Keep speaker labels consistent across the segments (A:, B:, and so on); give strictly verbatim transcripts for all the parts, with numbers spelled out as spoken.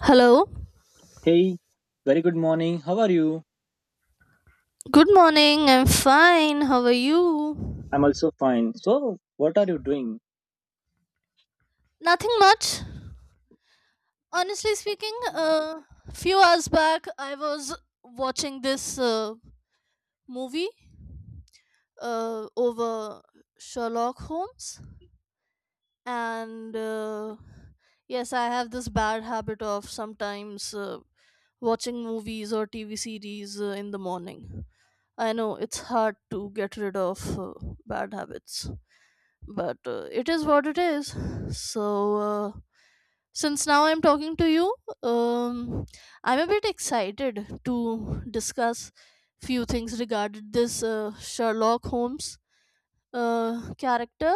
A: Hello.
B: Hey, very good morning. How are you?
A: Good morning. I'm fine. How are you?
B: I'm also fine. So, what are you doing?
A: Nothing much. Honestly speaking, a uh, few hours back I was watching this uh, movie uh, over Sherlock Holmes and uh, yes, I have this bad habit of sometimes uh, watching movies or T V series uh, in the morning. I know it's hard to get rid of uh, bad habits, but uh, it is what it is. So uh, since now I'm talking to you, um, I'm a bit excited to discuss few things regarding this uh, Sherlock Holmes uh, character,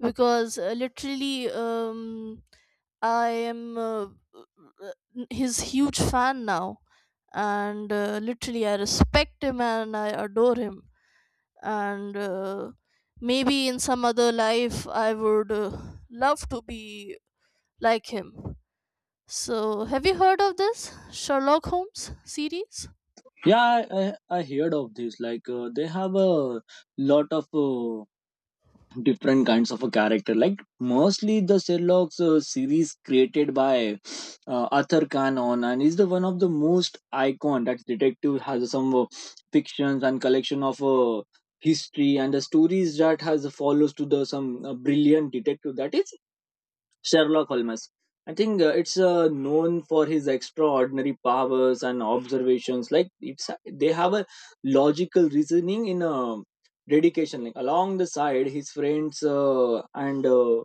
A: because uh, literally, um, I am uh, his huge fan now, and uh, literally I respect him and I adore him, and uh, maybe in some other life I would uh, love to be like him. So have you heard of this Sherlock Holmes series?
B: Yeah, I, I, I heard of this. Like, uh, they have a lot of uh, different kinds of a character. Like, mostly the Sherlock's uh, series created by uh, Arthur Conan, and is the one of the most icon that detective has some uh, fictions and collection of uh, history and the stories that has follows to the some uh, brilliant detective that is Sherlock Holmes. I think uh, it's uh, known for his extraordinary powers and observations. Like it's they have a logical reasoning in a dedication. Like along the side, his friends uh, and uh,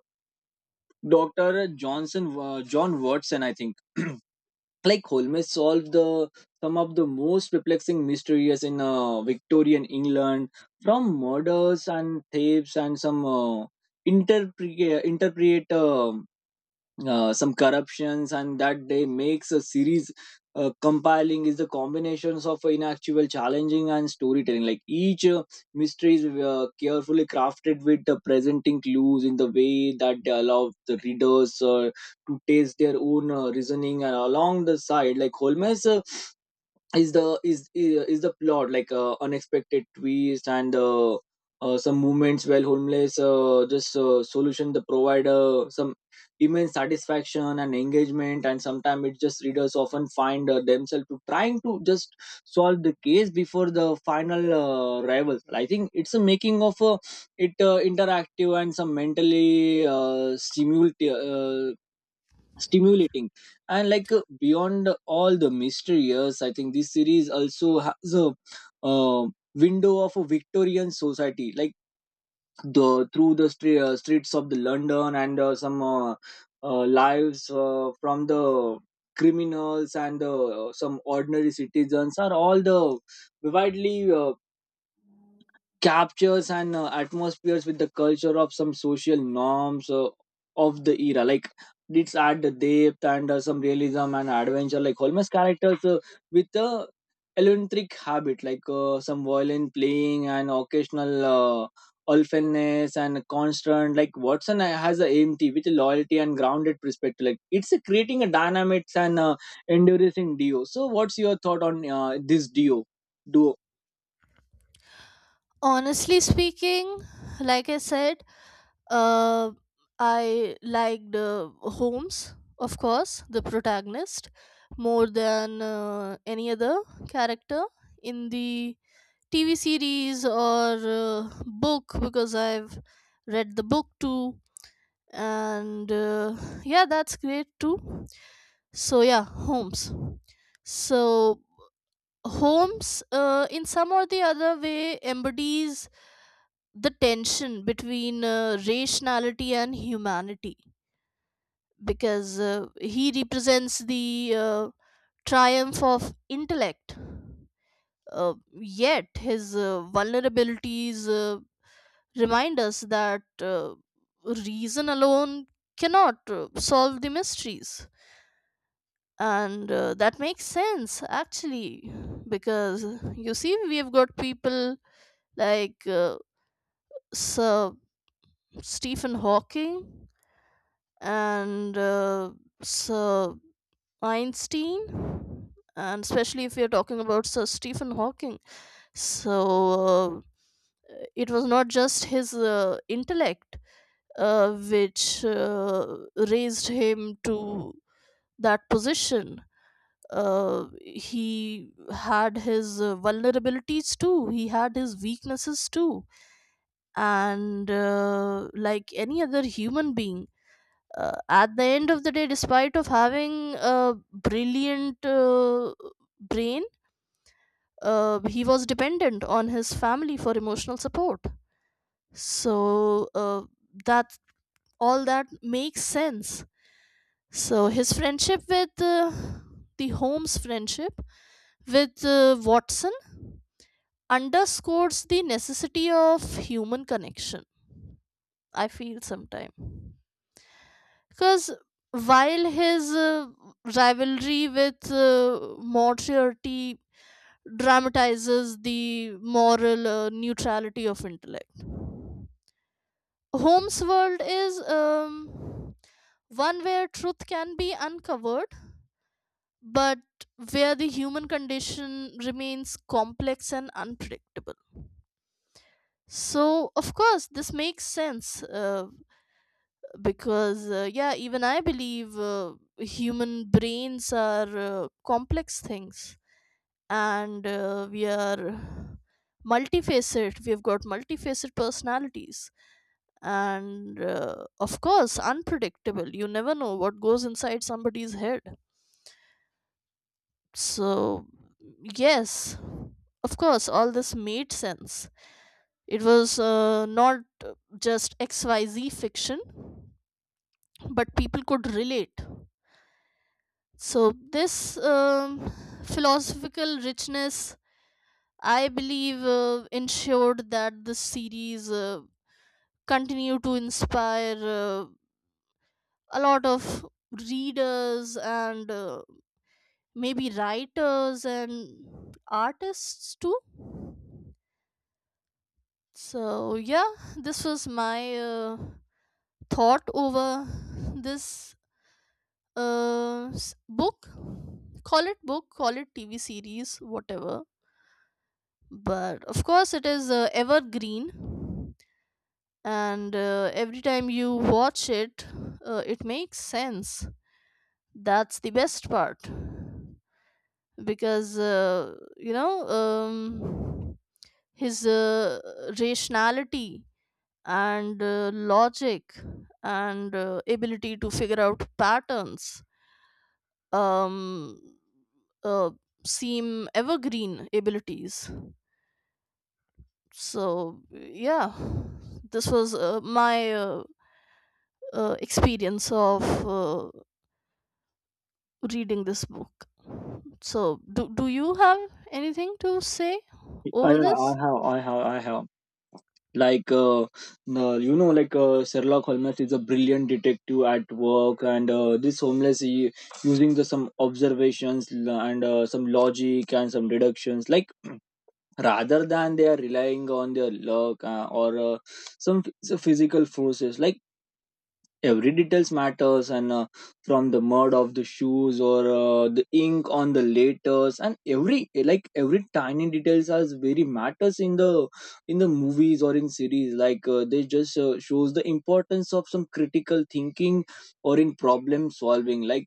B: Doctor uh, Johnson uh, John Watson. I think like Holmes solved the some of the most perplexing mysteries in uh, Victorian England, from murders and thefts and some uh, interpre- interpret. Uh, uh, some corruptions and that they makes a series uh, compiling is the combinations of inactual challenging and storytelling like each uh, mystery is uh, carefully crafted with the presenting clues in the way that they allow the readers uh, to taste their own uh, reasoning, and along the side like holmes uh, is the is is the plot like uh, unexpected twist, and uh, uh, some moments where homeless uh, just uh, solution the provider some immense satisfaction and engagement, and sometimes it just readers often find uh, themselves to trying to just solve the case before the final uh, arrival. I think it's a making of a, it uh, interactive and some mentally uh, stimulating uh, stimulating. And like uh, beyond all the mysteries, I think this series also has a uh, window of a victorian society, like the through the stre- uh, streets of the london, and uh, some uh, uh, lives uh, from the criminals and uh, some ordinary citizens are all the widely. Uh, captures and uh, atmospheres with the culture of some social norms uh, of the era like it's add the depth and uh, some realism and adventure like Holmes characters uh, with a eccentric habit like uh, some violin playing and occasional uh, orphaness, and constant like watson uh, has a empty with a loyalty and grounded perspective like it's uh, creating a dynamics and uh, enduring duo. So what's your thought on uh, this duo duo
A: Honestly speaking, like I said, uh, I liked uh, Holmes, of course, the protagonist, more than uh, any other character in the TV series or uh, book, because I've read the book too, and uh, yeah, that's great too. So yeah, homes so homes uh, in some or the other way embodies the tension between uh, rationality and humanity, because uh, he represents the uh, triumph of intellect, uh, yet his uh, vulnerabilities uh, remind us that uh, reason alone cannot uh, solve the mysteries. And uh, that makes sense, actually, because you see we have got people like uh, Sir Stephen Hawking and uh, Sir Einstein, and especially if we are talking about Sir Stephen Hawking. So uh, it was not just his uh, intellect uh, which uh, raised him to that position. Uh, he had his uh, vulnerabilities too, he had his weaknesses too, and uh, like any other human being, uh, at the end of the day, despite of having a brilliant uh, brain, uh, he was dependent on his family for emotional support. So uh, that, all that makes sense. So his friendship with uh, the Holmes friendship with uh, Watson underscores the necessity of human connection, I feel sometime, because while his uh, rivalry with uh, Moriarty dramatizes the moral uh, neutrality of intellect, Holmes' world is, um, one where truth can be uncovered, but where the human condition remains complex and unpredictable. So, of course, this makes sense, uh, because, uh, yeah, even I believe uh, human brains are uh, complex things, and uh, we are multifaceted. We've got multifaceted personalities and, uh, of course, unpredictable. You never know what goes inside somebody's head. So, yes, of course, all this made sense. It was uh, not uh, just X Y Z fiction, but people could relate. So, this, um, philosophical richness, I believe, uh, ensured that the series uh, continued to inspire uh, a lot of readers and uh, maybe writers and artists too. So yeah, this was my uh, thought over this uh, s- book. Call it book, call it T V series, whatever. But of course, it is uh, evergreen, and uh, every time you watch it, uh, it makes sense. That's the best part, because uh, you know, um, his uh, rationality and uh, logic and uh, ability to figure out patterns um, uh, seem evergreen abilities. So, yeah, this was uh, my uh, uh, experience of uh, reading this book. So, do, do you have anything to say
B: I, I
A: over this?
B: have, I have, I have. Like uh, uh, you know like uh, sherlock holmes is a brilliant detective at work, and uh, this homeless he, using the some observations l- and uh, some logic and some deductions like rather than they are relying on their luck uh, or uh, some ph- some physical forces like every details matters, and uh, from the mud of the shoes or uh, the ink on the letters, and every like every tiny details has very matters in the in the movies or in series like uh, they just uh, shows the importance of some critical thinking or in problem solving. Like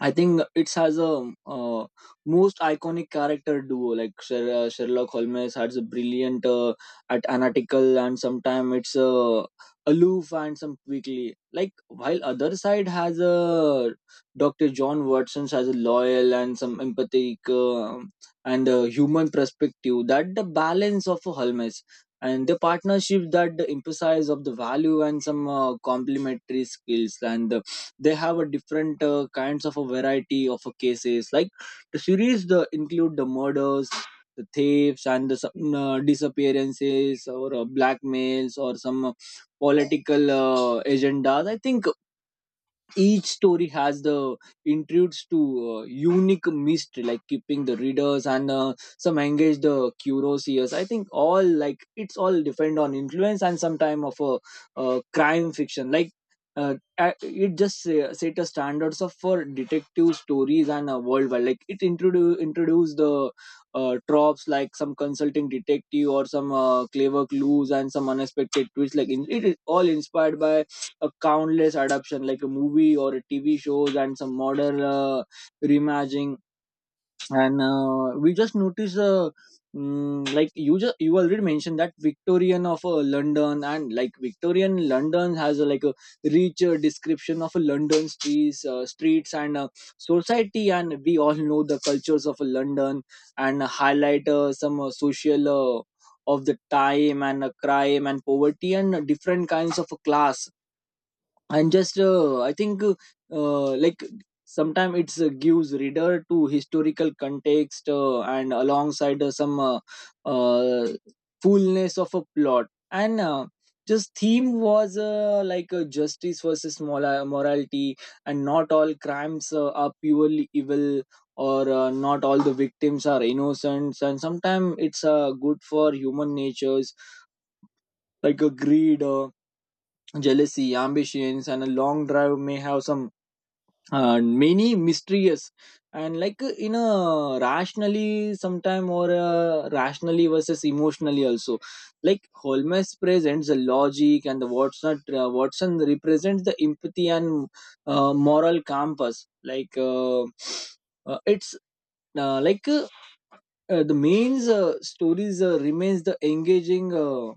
B: I think it has a uh, most iconic character duo. Like Sher- uh, Sherlock Holmes has a brilliant uh, at analytical, and sometimes it's uh, aloof and some quickly. Like while other side has a Doctor John Watson has a loyal and some empathic uh, and uh, human perspective. That the balance of Holmes and the partnership that the emphasize of the value and some uh, complementary skills, and they have a different uh, kinds of a variety of a cases like the series the include the murders, the thefts, and the some, uh, disappearances or uh, blackmails or some uh, political uh, agendas. I think each story has the intrudes to uh, unique mystery like keeping the readers and uh, some engage the curious. I think all like it's all depend on influence and some time of a uh, crime fiction like uh, a- it just uh, set a standards of for detective stories and uh, worldwide like it introduce introduce the uh, tropes like some consulting detective or some uh, clever clues and some unexpected twists like in, it is all inspired by a countless adaptation like a movie or a T V shows, and some modern uh, reimagining. And uh, we just notice, uh, mm, like you just you already mentioned that Victorian of uh, London, and like Victorian London has uh, like a rich uh, description of uh, London streets, uh, streets and uh, society. And we all know the cultures of uh, London, and highlight uh, some uh, social. Uh, of the time, and uh, crime and poverty and uh, different kinds of uh, class, and just uh, I think uh, uh, like sometimes it's uh, gives reader to historical context, uh, and alongside uh, some uh, uh, fullness of a plot, and uh, just theme was uh, like uh, justice versus mola- morality, and not all crimes uh, are purely evil, or uh, not all the victims are innocent, and sometimes it's uh, good for human natures like a greed, uh, jealousy, ambitions, and a long drive may have some uh, many mysterious. And like uh, in a rationally sometime or uh, rationally versus emotionally also, like holmes presents the logic, and the watson uh, watson represents the empathy and uh, moral compass like uh, uh, it's uh, like uh, uh, the main uh, stories uh, remains the engaging uh,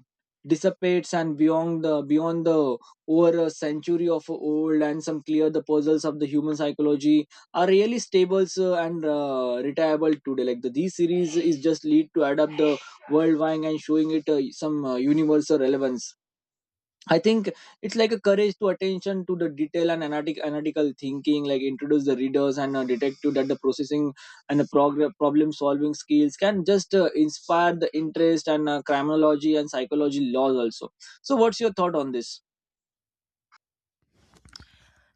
B: dissipates, and beyond the beyond the over a century of old, and some clear the puzzles of the human psychology are really stable, uh, and uh, retiable today like the these series is just lead to adapt the worldwide and showing it uh, some uh, universal relevance. I think it's like a courage to attention to the detail and analytic, analytical thinking, like introduce the readers, and uh, detective that the processing and the prog- problem solving skills can just uh, inspire the interest, and uh, criminology and psychology laws also. So, what's your thought on this?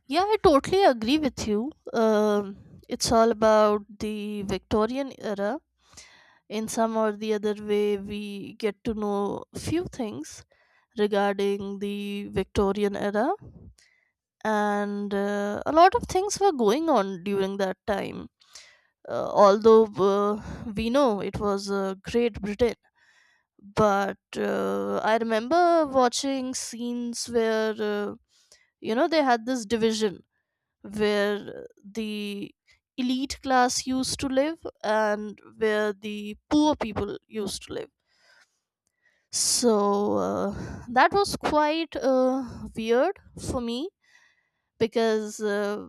A: Yeah, I totally agree with you. Um, it's all about the Victorian era. In some or the other way we get to know few things regarding the Victorian era, and uh, a lot of things were going on during that time. Uh, although, uh, we know it was uh, Great Britain, but uh, I remember watching scenes where, uh, you know, they had this division where the elite class used to live and where the poor people used to live. So uh, that was quite uh, weird for me, because uh,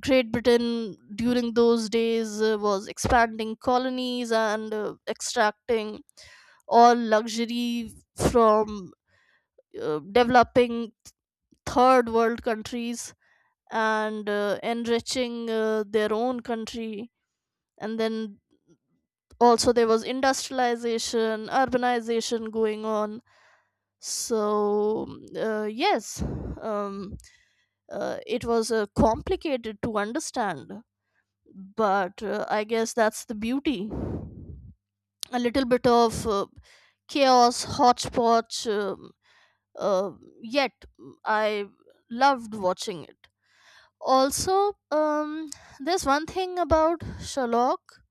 A: Great Britain during those days uh, was expanding colonies and uh, extracting all luxury from uh, developing third world countries and uh, enriching uh, their own country, and then also there was industrialization, urbanization going on. So mm, uh, yes, um, uh, it was uh, complicated to understand, but uh, I guess that's the beauty, a little bit of uh, chaos, hodgepodge. um uh, Yet I loved watching it. Also, um, there's one thing about Sherlock,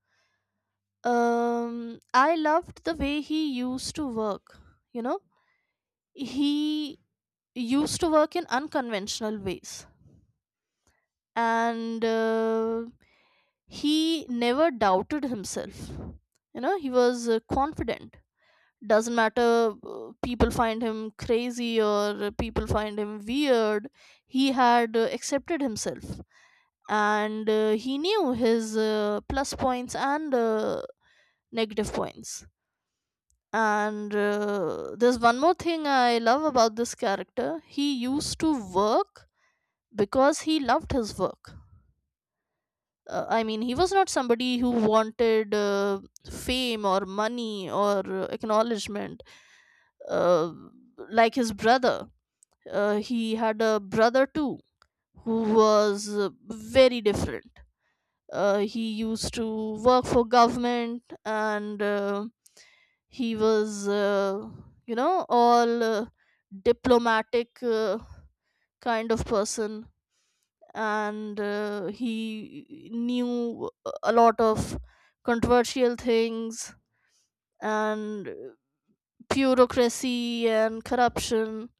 A: um, I loved the way he used to work. You know, he used to work in unconventional ways, and uh, he never doubted himself. You know, he was uh, confident. Doesn't matter uh, people find him crazy or uh, people find him weird, he had uh, accepted himself, and uh, he knew his uh, plus points and uh, negative points. And uh, there's one more thing I love about this character: he used to work because he loved his work. Uh, I mean, he was not somebody who wanted uh, fame or money or uh, acknowledgement, uh, like his brother. Uh, he had a brother too, who was uh, very different. Uh, he used to work for government, and uh, he was, uh, you know, all uh, diplomatic uh, kind of person, and uh, he knew a lot of controversial things and bureaucracy and corruption.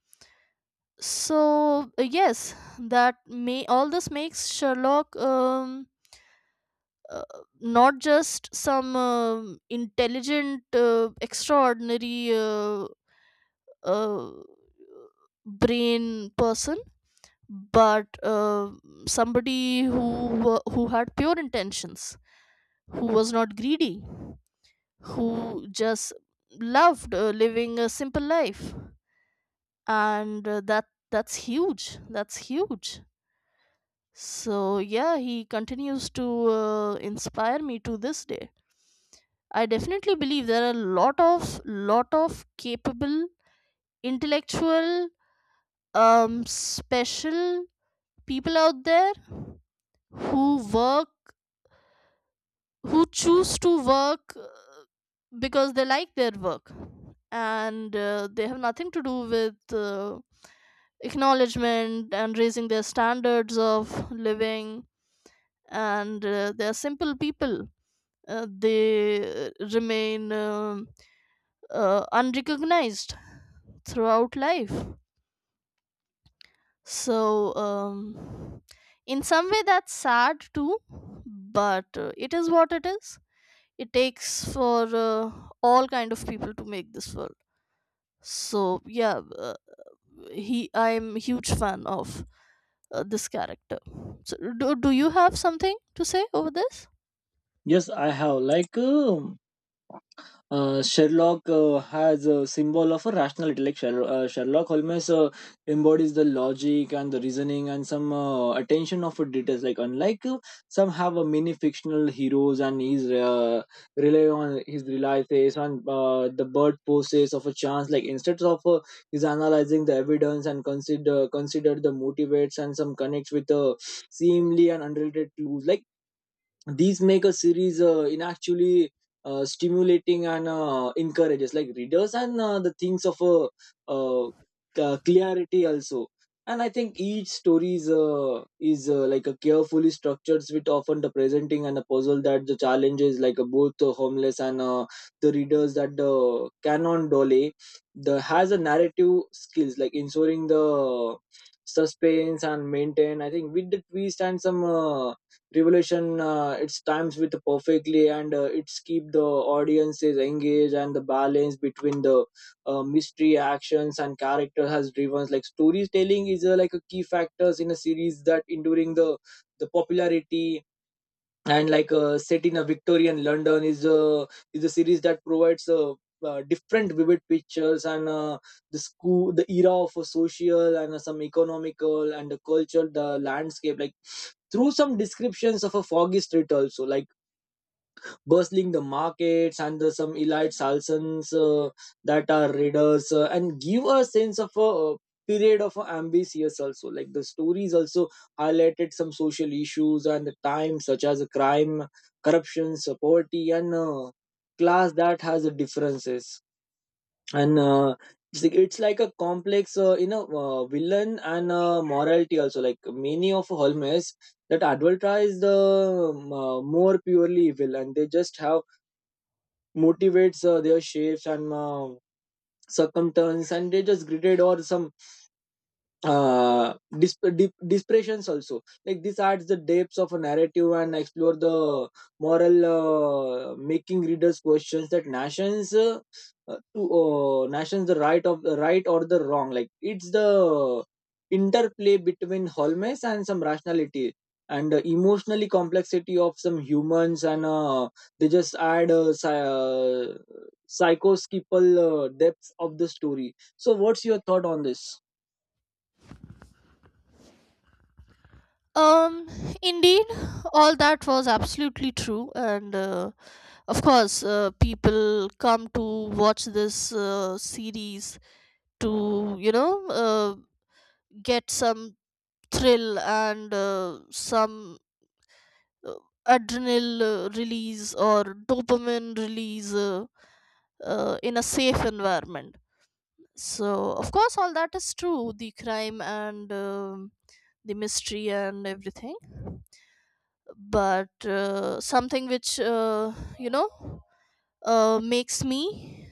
A: So uh, yes, that may, all this makes Sherlock, um, uh, not just some, um, intelligent uh, extraordinary uh, uh, brain person, but uh, somebody who wa- who had pure intentions, who was not greedy, who just loved uh, living a simple life, and uh, that that's huge, that's huge. So yeah, he continues to uh, inspire me to this day. I definitely believe there are a lot of lot of capable, intellectual, um special people out there who work, who choose to work, uh, because they like their work, and uh, they have nothing to do with uh, acknowledgement and raising their standards of living, and uh, they are simple people. Uh, they uh, remain, um uh, unrecognized throughout life. So, um, in some way that's sad too, but uh, it is what it is. It takes for uh, all kind of people to make this world. So yeah, uh, he, I'm a huge fan of uh, this character. So do, do you have something to say over this?
B: Yes, I have. Like, um Uh, Sherlock uh, has a symbol of a rational intellect. Sher- uh, Sherlock Holmes uh, embodies the logic and the reasoning, and some uh, attention of details. Like unlike uh, some have a mini fictional heroes, and he's uh, rely on his rely face on uh, the bird poses of a chance. Like instead of uh, he's analyzing the evidence and consider consider the motivates and some connects with uh, seemingly and unrelated clues. Like these make a series uh, in actually uh, stimulating, and uh, encourages like readers and uh, the things of a uh, ca- clarity also. And I think each story is, uh, is uh, like a carefully structured with often the presenting and a puzzle that the challenges like uh, both the homeless and uh, the readers that the canon dole the has a narrative skills, like ensuring the uh, suspense and maintain. I think with the twist and some uh, Revolution, uh, it's times with perfectly, and uh, it's keep the audiences engaged, and the balance between the uh, mystery actions and character has driven like storytelling is uh, like a key factors in a series that enduring the the popularity and like uh, set in a Victorian London is a is a series that provides a. Uh, different vivid pictures, and uh, the school the era of a social, and uh, some economical, and the culture the landscape, like through some descriptions of a foggy street also, like bustling the markets and the, some elite salsons uh, that are readers uh, and give a sense of a uh, period of ambitious also, like the stories also highlighted some social issues and the time such as crime, corruption, uh, poverty, and uh, class that has differences. And uh, it's like it's like a complex uh, you know uh, villain, and uh, morality also, like many of Holmes that advertise the um, uh, more purely evil, and they just have motivates uh, their shapes and uh, circumstance, and they just greeted or some uh disp- dep- depressions also, like this adds the depths of a narrative, and explore the moral, uh, making readers questions that nations uh, uh, to uh, nations the right of the right or the wrong, like it's the interplay between wholeness and some rationality, and uh, emotionally complexity of some humans, and uh, they just add uh, psy- uh, psychoskippal uh, depth of the story. So what's your thought on this?
A: Um, indeed, all that was absolutely true, and uh, of course uh, people come to watch this uh, series to, you know, uh, get some thrill and uh, some, uh, adrenal uh, release or dopamine release, uh, uh, in a safe environment. So, of course, all that is true: the crime and, um, the mystery and everything. But uh, something which, uh, you know, uh, makes me,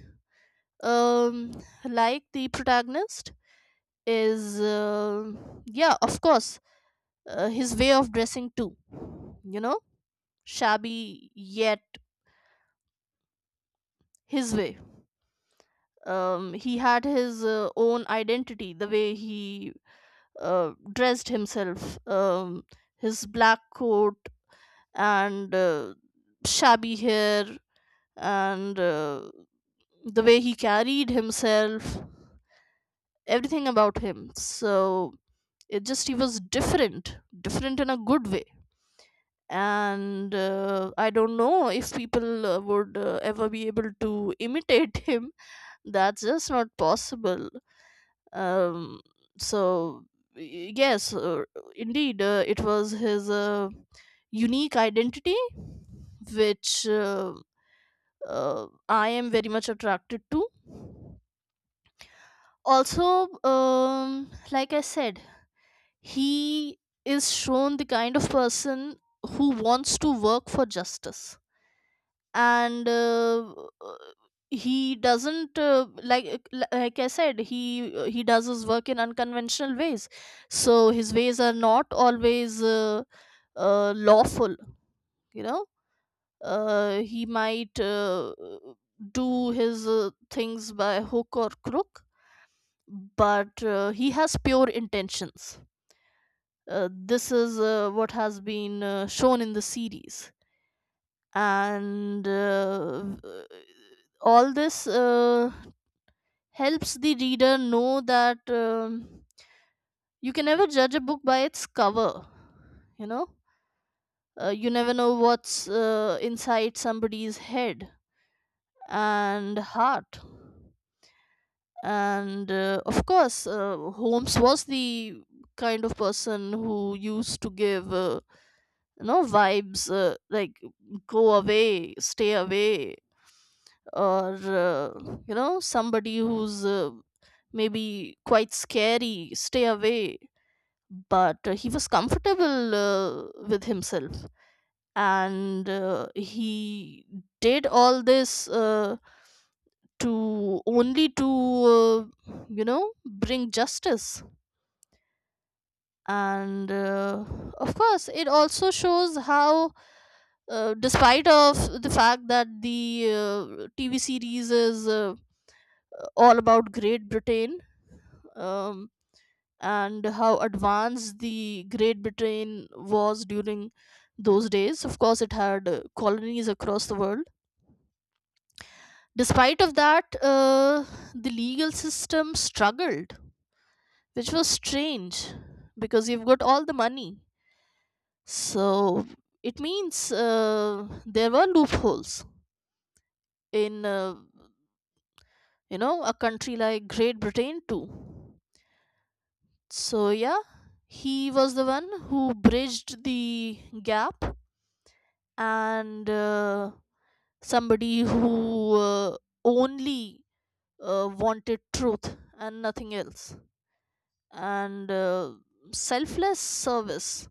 A: um, like the protagonist, is, uh, yeah, of course, uh, his way of dressing too. You know, shabby, yet his way, um, he had his uh, own identity, the way he uh, dressed himself, um, his black coat and uh, shabby hair and uh, the way he carried himself, everything about him. So it just, he was different different in a good way, and uh, I don't know if people uh, would uh, ever be able to imitate him. That's just not possible. um so y- yes, uh, indeed, uh, it was his uh, unique identity which uh, uh, I am very much attracted to. Also, um like I said, he is shown the kind of person who wants to work for justice, and uh, he doesn't uh, like like I said, he he does his work in unconventional ways, so his ways are not always uh, uh, lawful. You know, uh, he might uh, do his uh, things by hook or crook, but uh, he has pure intentions. Uh, this is uh, what has been uh, shown in the series, and uh, v- all this uh, helps the reader know that, um, you can never judge a book by its cover. You know, uh, you never know what's uh, inside somebody's head and heart, and uh, of course uh, Holmes was the kind of person who used to give uh, you know, vibes uh, like, go away, stay away, or uh, you know, somebody who's uh, maybe quite scary, stay away. But uh, he was comfortable uh, with himself, and uh, he did all this uh, to only to uh, you know, bring justice. And uh, of course it also shows how uh, despite of the fact that the uh, TV series is uh, all about Great Britain, um, and how advanced the Great Britain was during those days. Of course, it had uh, colonies across the world. Despite of that, uh, the legal system struggled, which was strange, because you've got all the money. So it means uh, there were loopholes in, uh, you know, a country like Great Britain too. So, yeah, he was the one who bridged the gap, and uh, somebody who uh, only uh, wanted truth and nothing else, and uh, selfless service.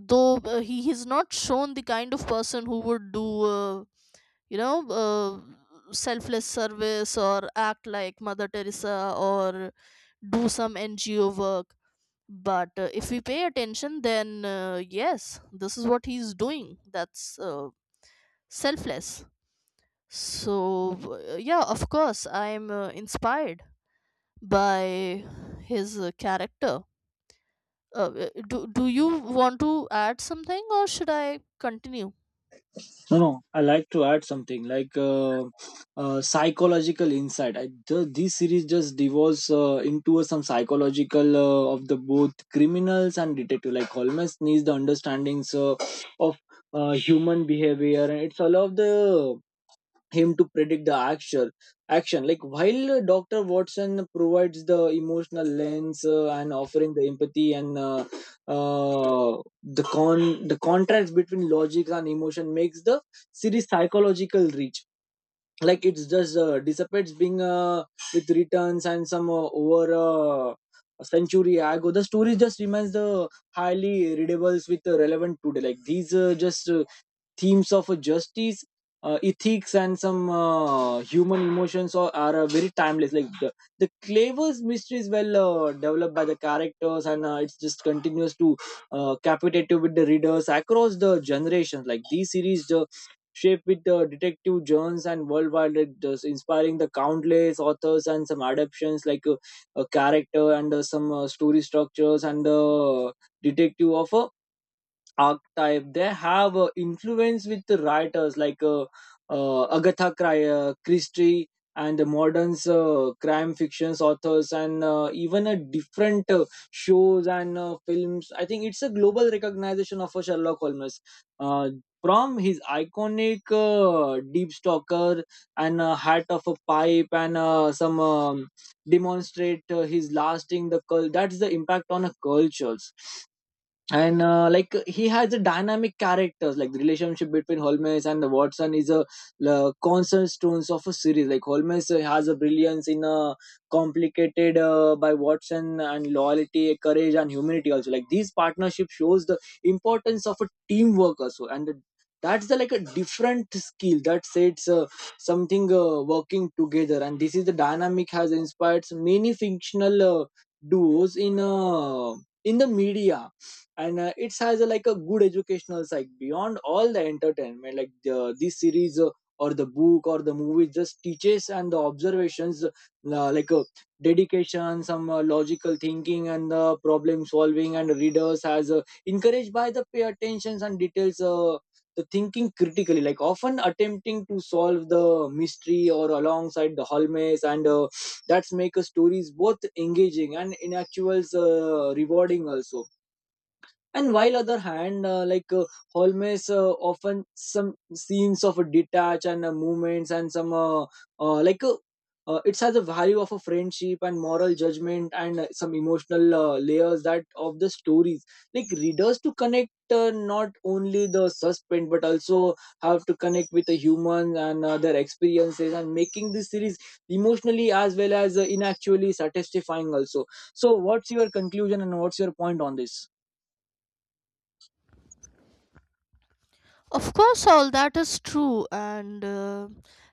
A: Though uh, he has not shown the kind of person who would do, uh, you know, uh, selfless service or act like Mother Teresa or do some N G O work, but uh, if we pay attention, then uh, yes, this is what he's doing. That's uh, selfless. So, uh, yeah, of course I'm uh, inspired by his uh, character. uh, uh, do, do you want to add something or should I continue?
B: No, no. I like to add something like uh, uh, psychological insight. I ju- this series just devolves uh, into some psychological uh, of the both criminals and detective. Like Holmes needs the understandings, uh, of uh, human behavior, and it's all of the him to predict the actual action, like while uh, dr watson provides the emotional lens, uh, and offering the empathy and uh, uh, the con the contrast between logic and emotion makes the series psychological reach, like it's just uh, dissipates being, uh, with returns and some, uh, over uh, a century ago. The story just remains the highly readables with, uh, relevant today, like these, uh, just uh, themes of, uh, justice, uh, ethics and some uh, human emotions are, are uh, very timeless, like the, the clever's mystery is well uh, developed by the characters, and uh, it's just continues to uh, capitate with the readers across the generations. Like these series uh, shaped with the detective Jones and worldwide leaders, inspiring the countless authors and some adaptations, like uh, a character and uh, some uh, story structures and the detective of a archetype. They have uh, influence with the writers, like uh, uh, Agatha Cri- uh, Christie and the modern uh, crime fictions authors, and uh, even a different uh, shows and uh, films. I think it's a global recognition of a Sherlock Holmes, uh, from his iconic uh, deep stalker and a hat of a pipe, and uh, some um, demonstrate uh, his lasting the cul- that's the impact on a cultures. And uh, like he has a dynamic characters, like the relationship between Holmes and Watson is a uh, constant stones of a series. Like Holmes uh, has a brilliance in a complicated uh, by Watson and loyalty courage and humanity also, like these partnership shows the importance of a teamwork also, and the, that's the like a different skill that sets, uh, something uh, working together, and this is the dynamic has inspired many fictional uh, duos in uh, in the media. And uh, it has a, like a good educational side beyond all the entertainment, like the, this series uh, or the book or the movie just teaches and the observations, uh, like uh, dedication, some uh, logical thinking and uh, problem solving, and readers as uh, encouraged by the pay attentions and details, uh, the thinking critically, like often attempting to solve the mystery or alongside the hall maze. And uh, that's make a stories both engaging and in actuals, uh, rewarding also, and while other hand, uh, like uh, Holmes uh, often some scenes of a detach and uh, movements and some uh, uh, like uh, uh, it has a value of a friendship and moral judgment and uh, some emotional uh, layers that of the stories, like readers to connect, uh, not only the suspense but also have to connect with the humans and uh, their experiences, and making this series emotionally as well as uh, inactually satisfying also. So what's your conclusion and what's your point on this?
A: Of course, all that is true, and uh,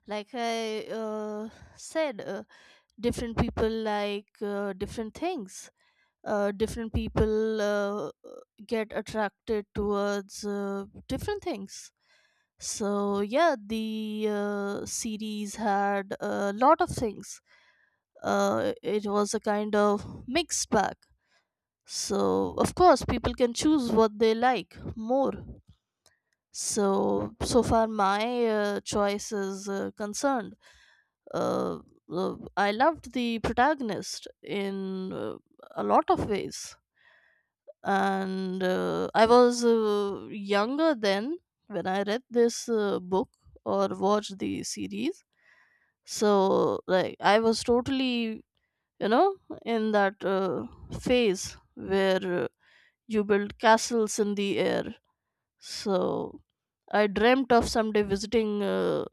A: like I uh, said, uh, different people like uh, different things. Uh, different people uh, get attracted towards uh, different things. So yeah, the uh, series had a lot of things. Uh, it was a kind of mixed bag. So of course, people can choose what they like more. So so far, my uh, choice is uh, concerned. Uh, uh, I loved the protagonist in uh, a lot of ways, and uh, I was uh, younger then, when I read this uh, book or watched the series. So like, I was totally, you know, in that uh, phase where uh, you build castles in the air. So I dreamt of someday visiting uh,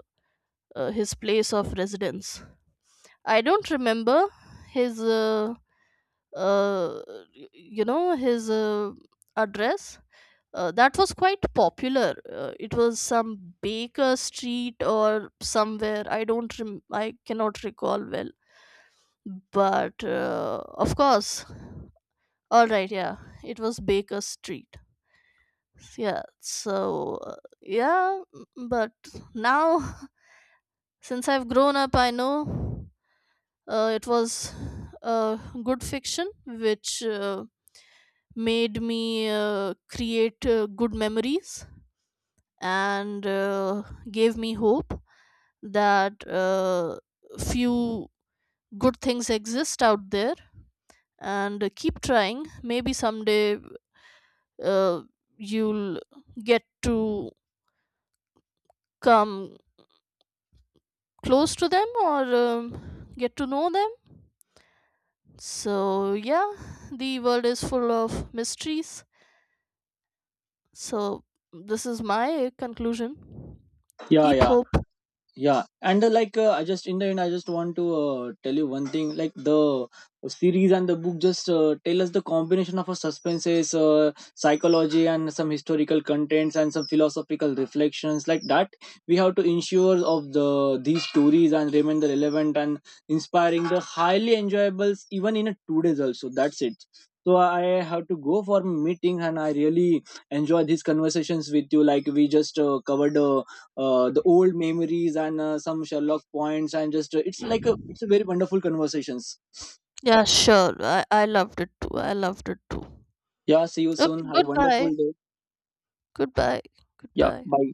A: uh, his place of residence. I don't remember his uh, uh, you know, his uh, address, uh, that was quite popular. Uh, it was some Baker Street or somewhere. I don't. Rem- I cannot recall well. But uh, of course, all right, yeah, it was Baker Street. Yeah. So uh, yeah, m- but now since I've grown up, I know uh, it was uh, good fiction, which uh, made me uh, create uh, good memories, and uh, gave me hope that uh, few good things exist out there, and uh, keep trying, maybe someday uh, you'll get to come close to them or, um, get to know them. So yeah, the world is full of mysteries. So this is my conclusion.
B: Yeah,
A: Keep
B: yeah,
A: hope.
B: yeah. And uh, like uh, I just, in the end I just want to uh, tell you one thing. Like the series and the book just uh, tell us the combination of a suspenses, uh, psychology and some historical contents and some philosophical reflections like that. We have to ensure of the these stories and remain the relevant and inspiring the highly enjoyables even in a two days also. That's it. So I have to go for meeting and I really enjoy these conversations with you. Like we just uh, covered uh, uh, the old memories and uh, some Sherlock points, and just uh, it's like a it's a very wonderful conversations.
A: Yeah, sure, i, I loved it too, I loved it too.
B: Yeah, see you soon.
A: Okay,
B: Have a wonderful
A: goodbye.
B: day.
A: Goodbye.
B: Yeah,
A: Goodbye.
B: bye.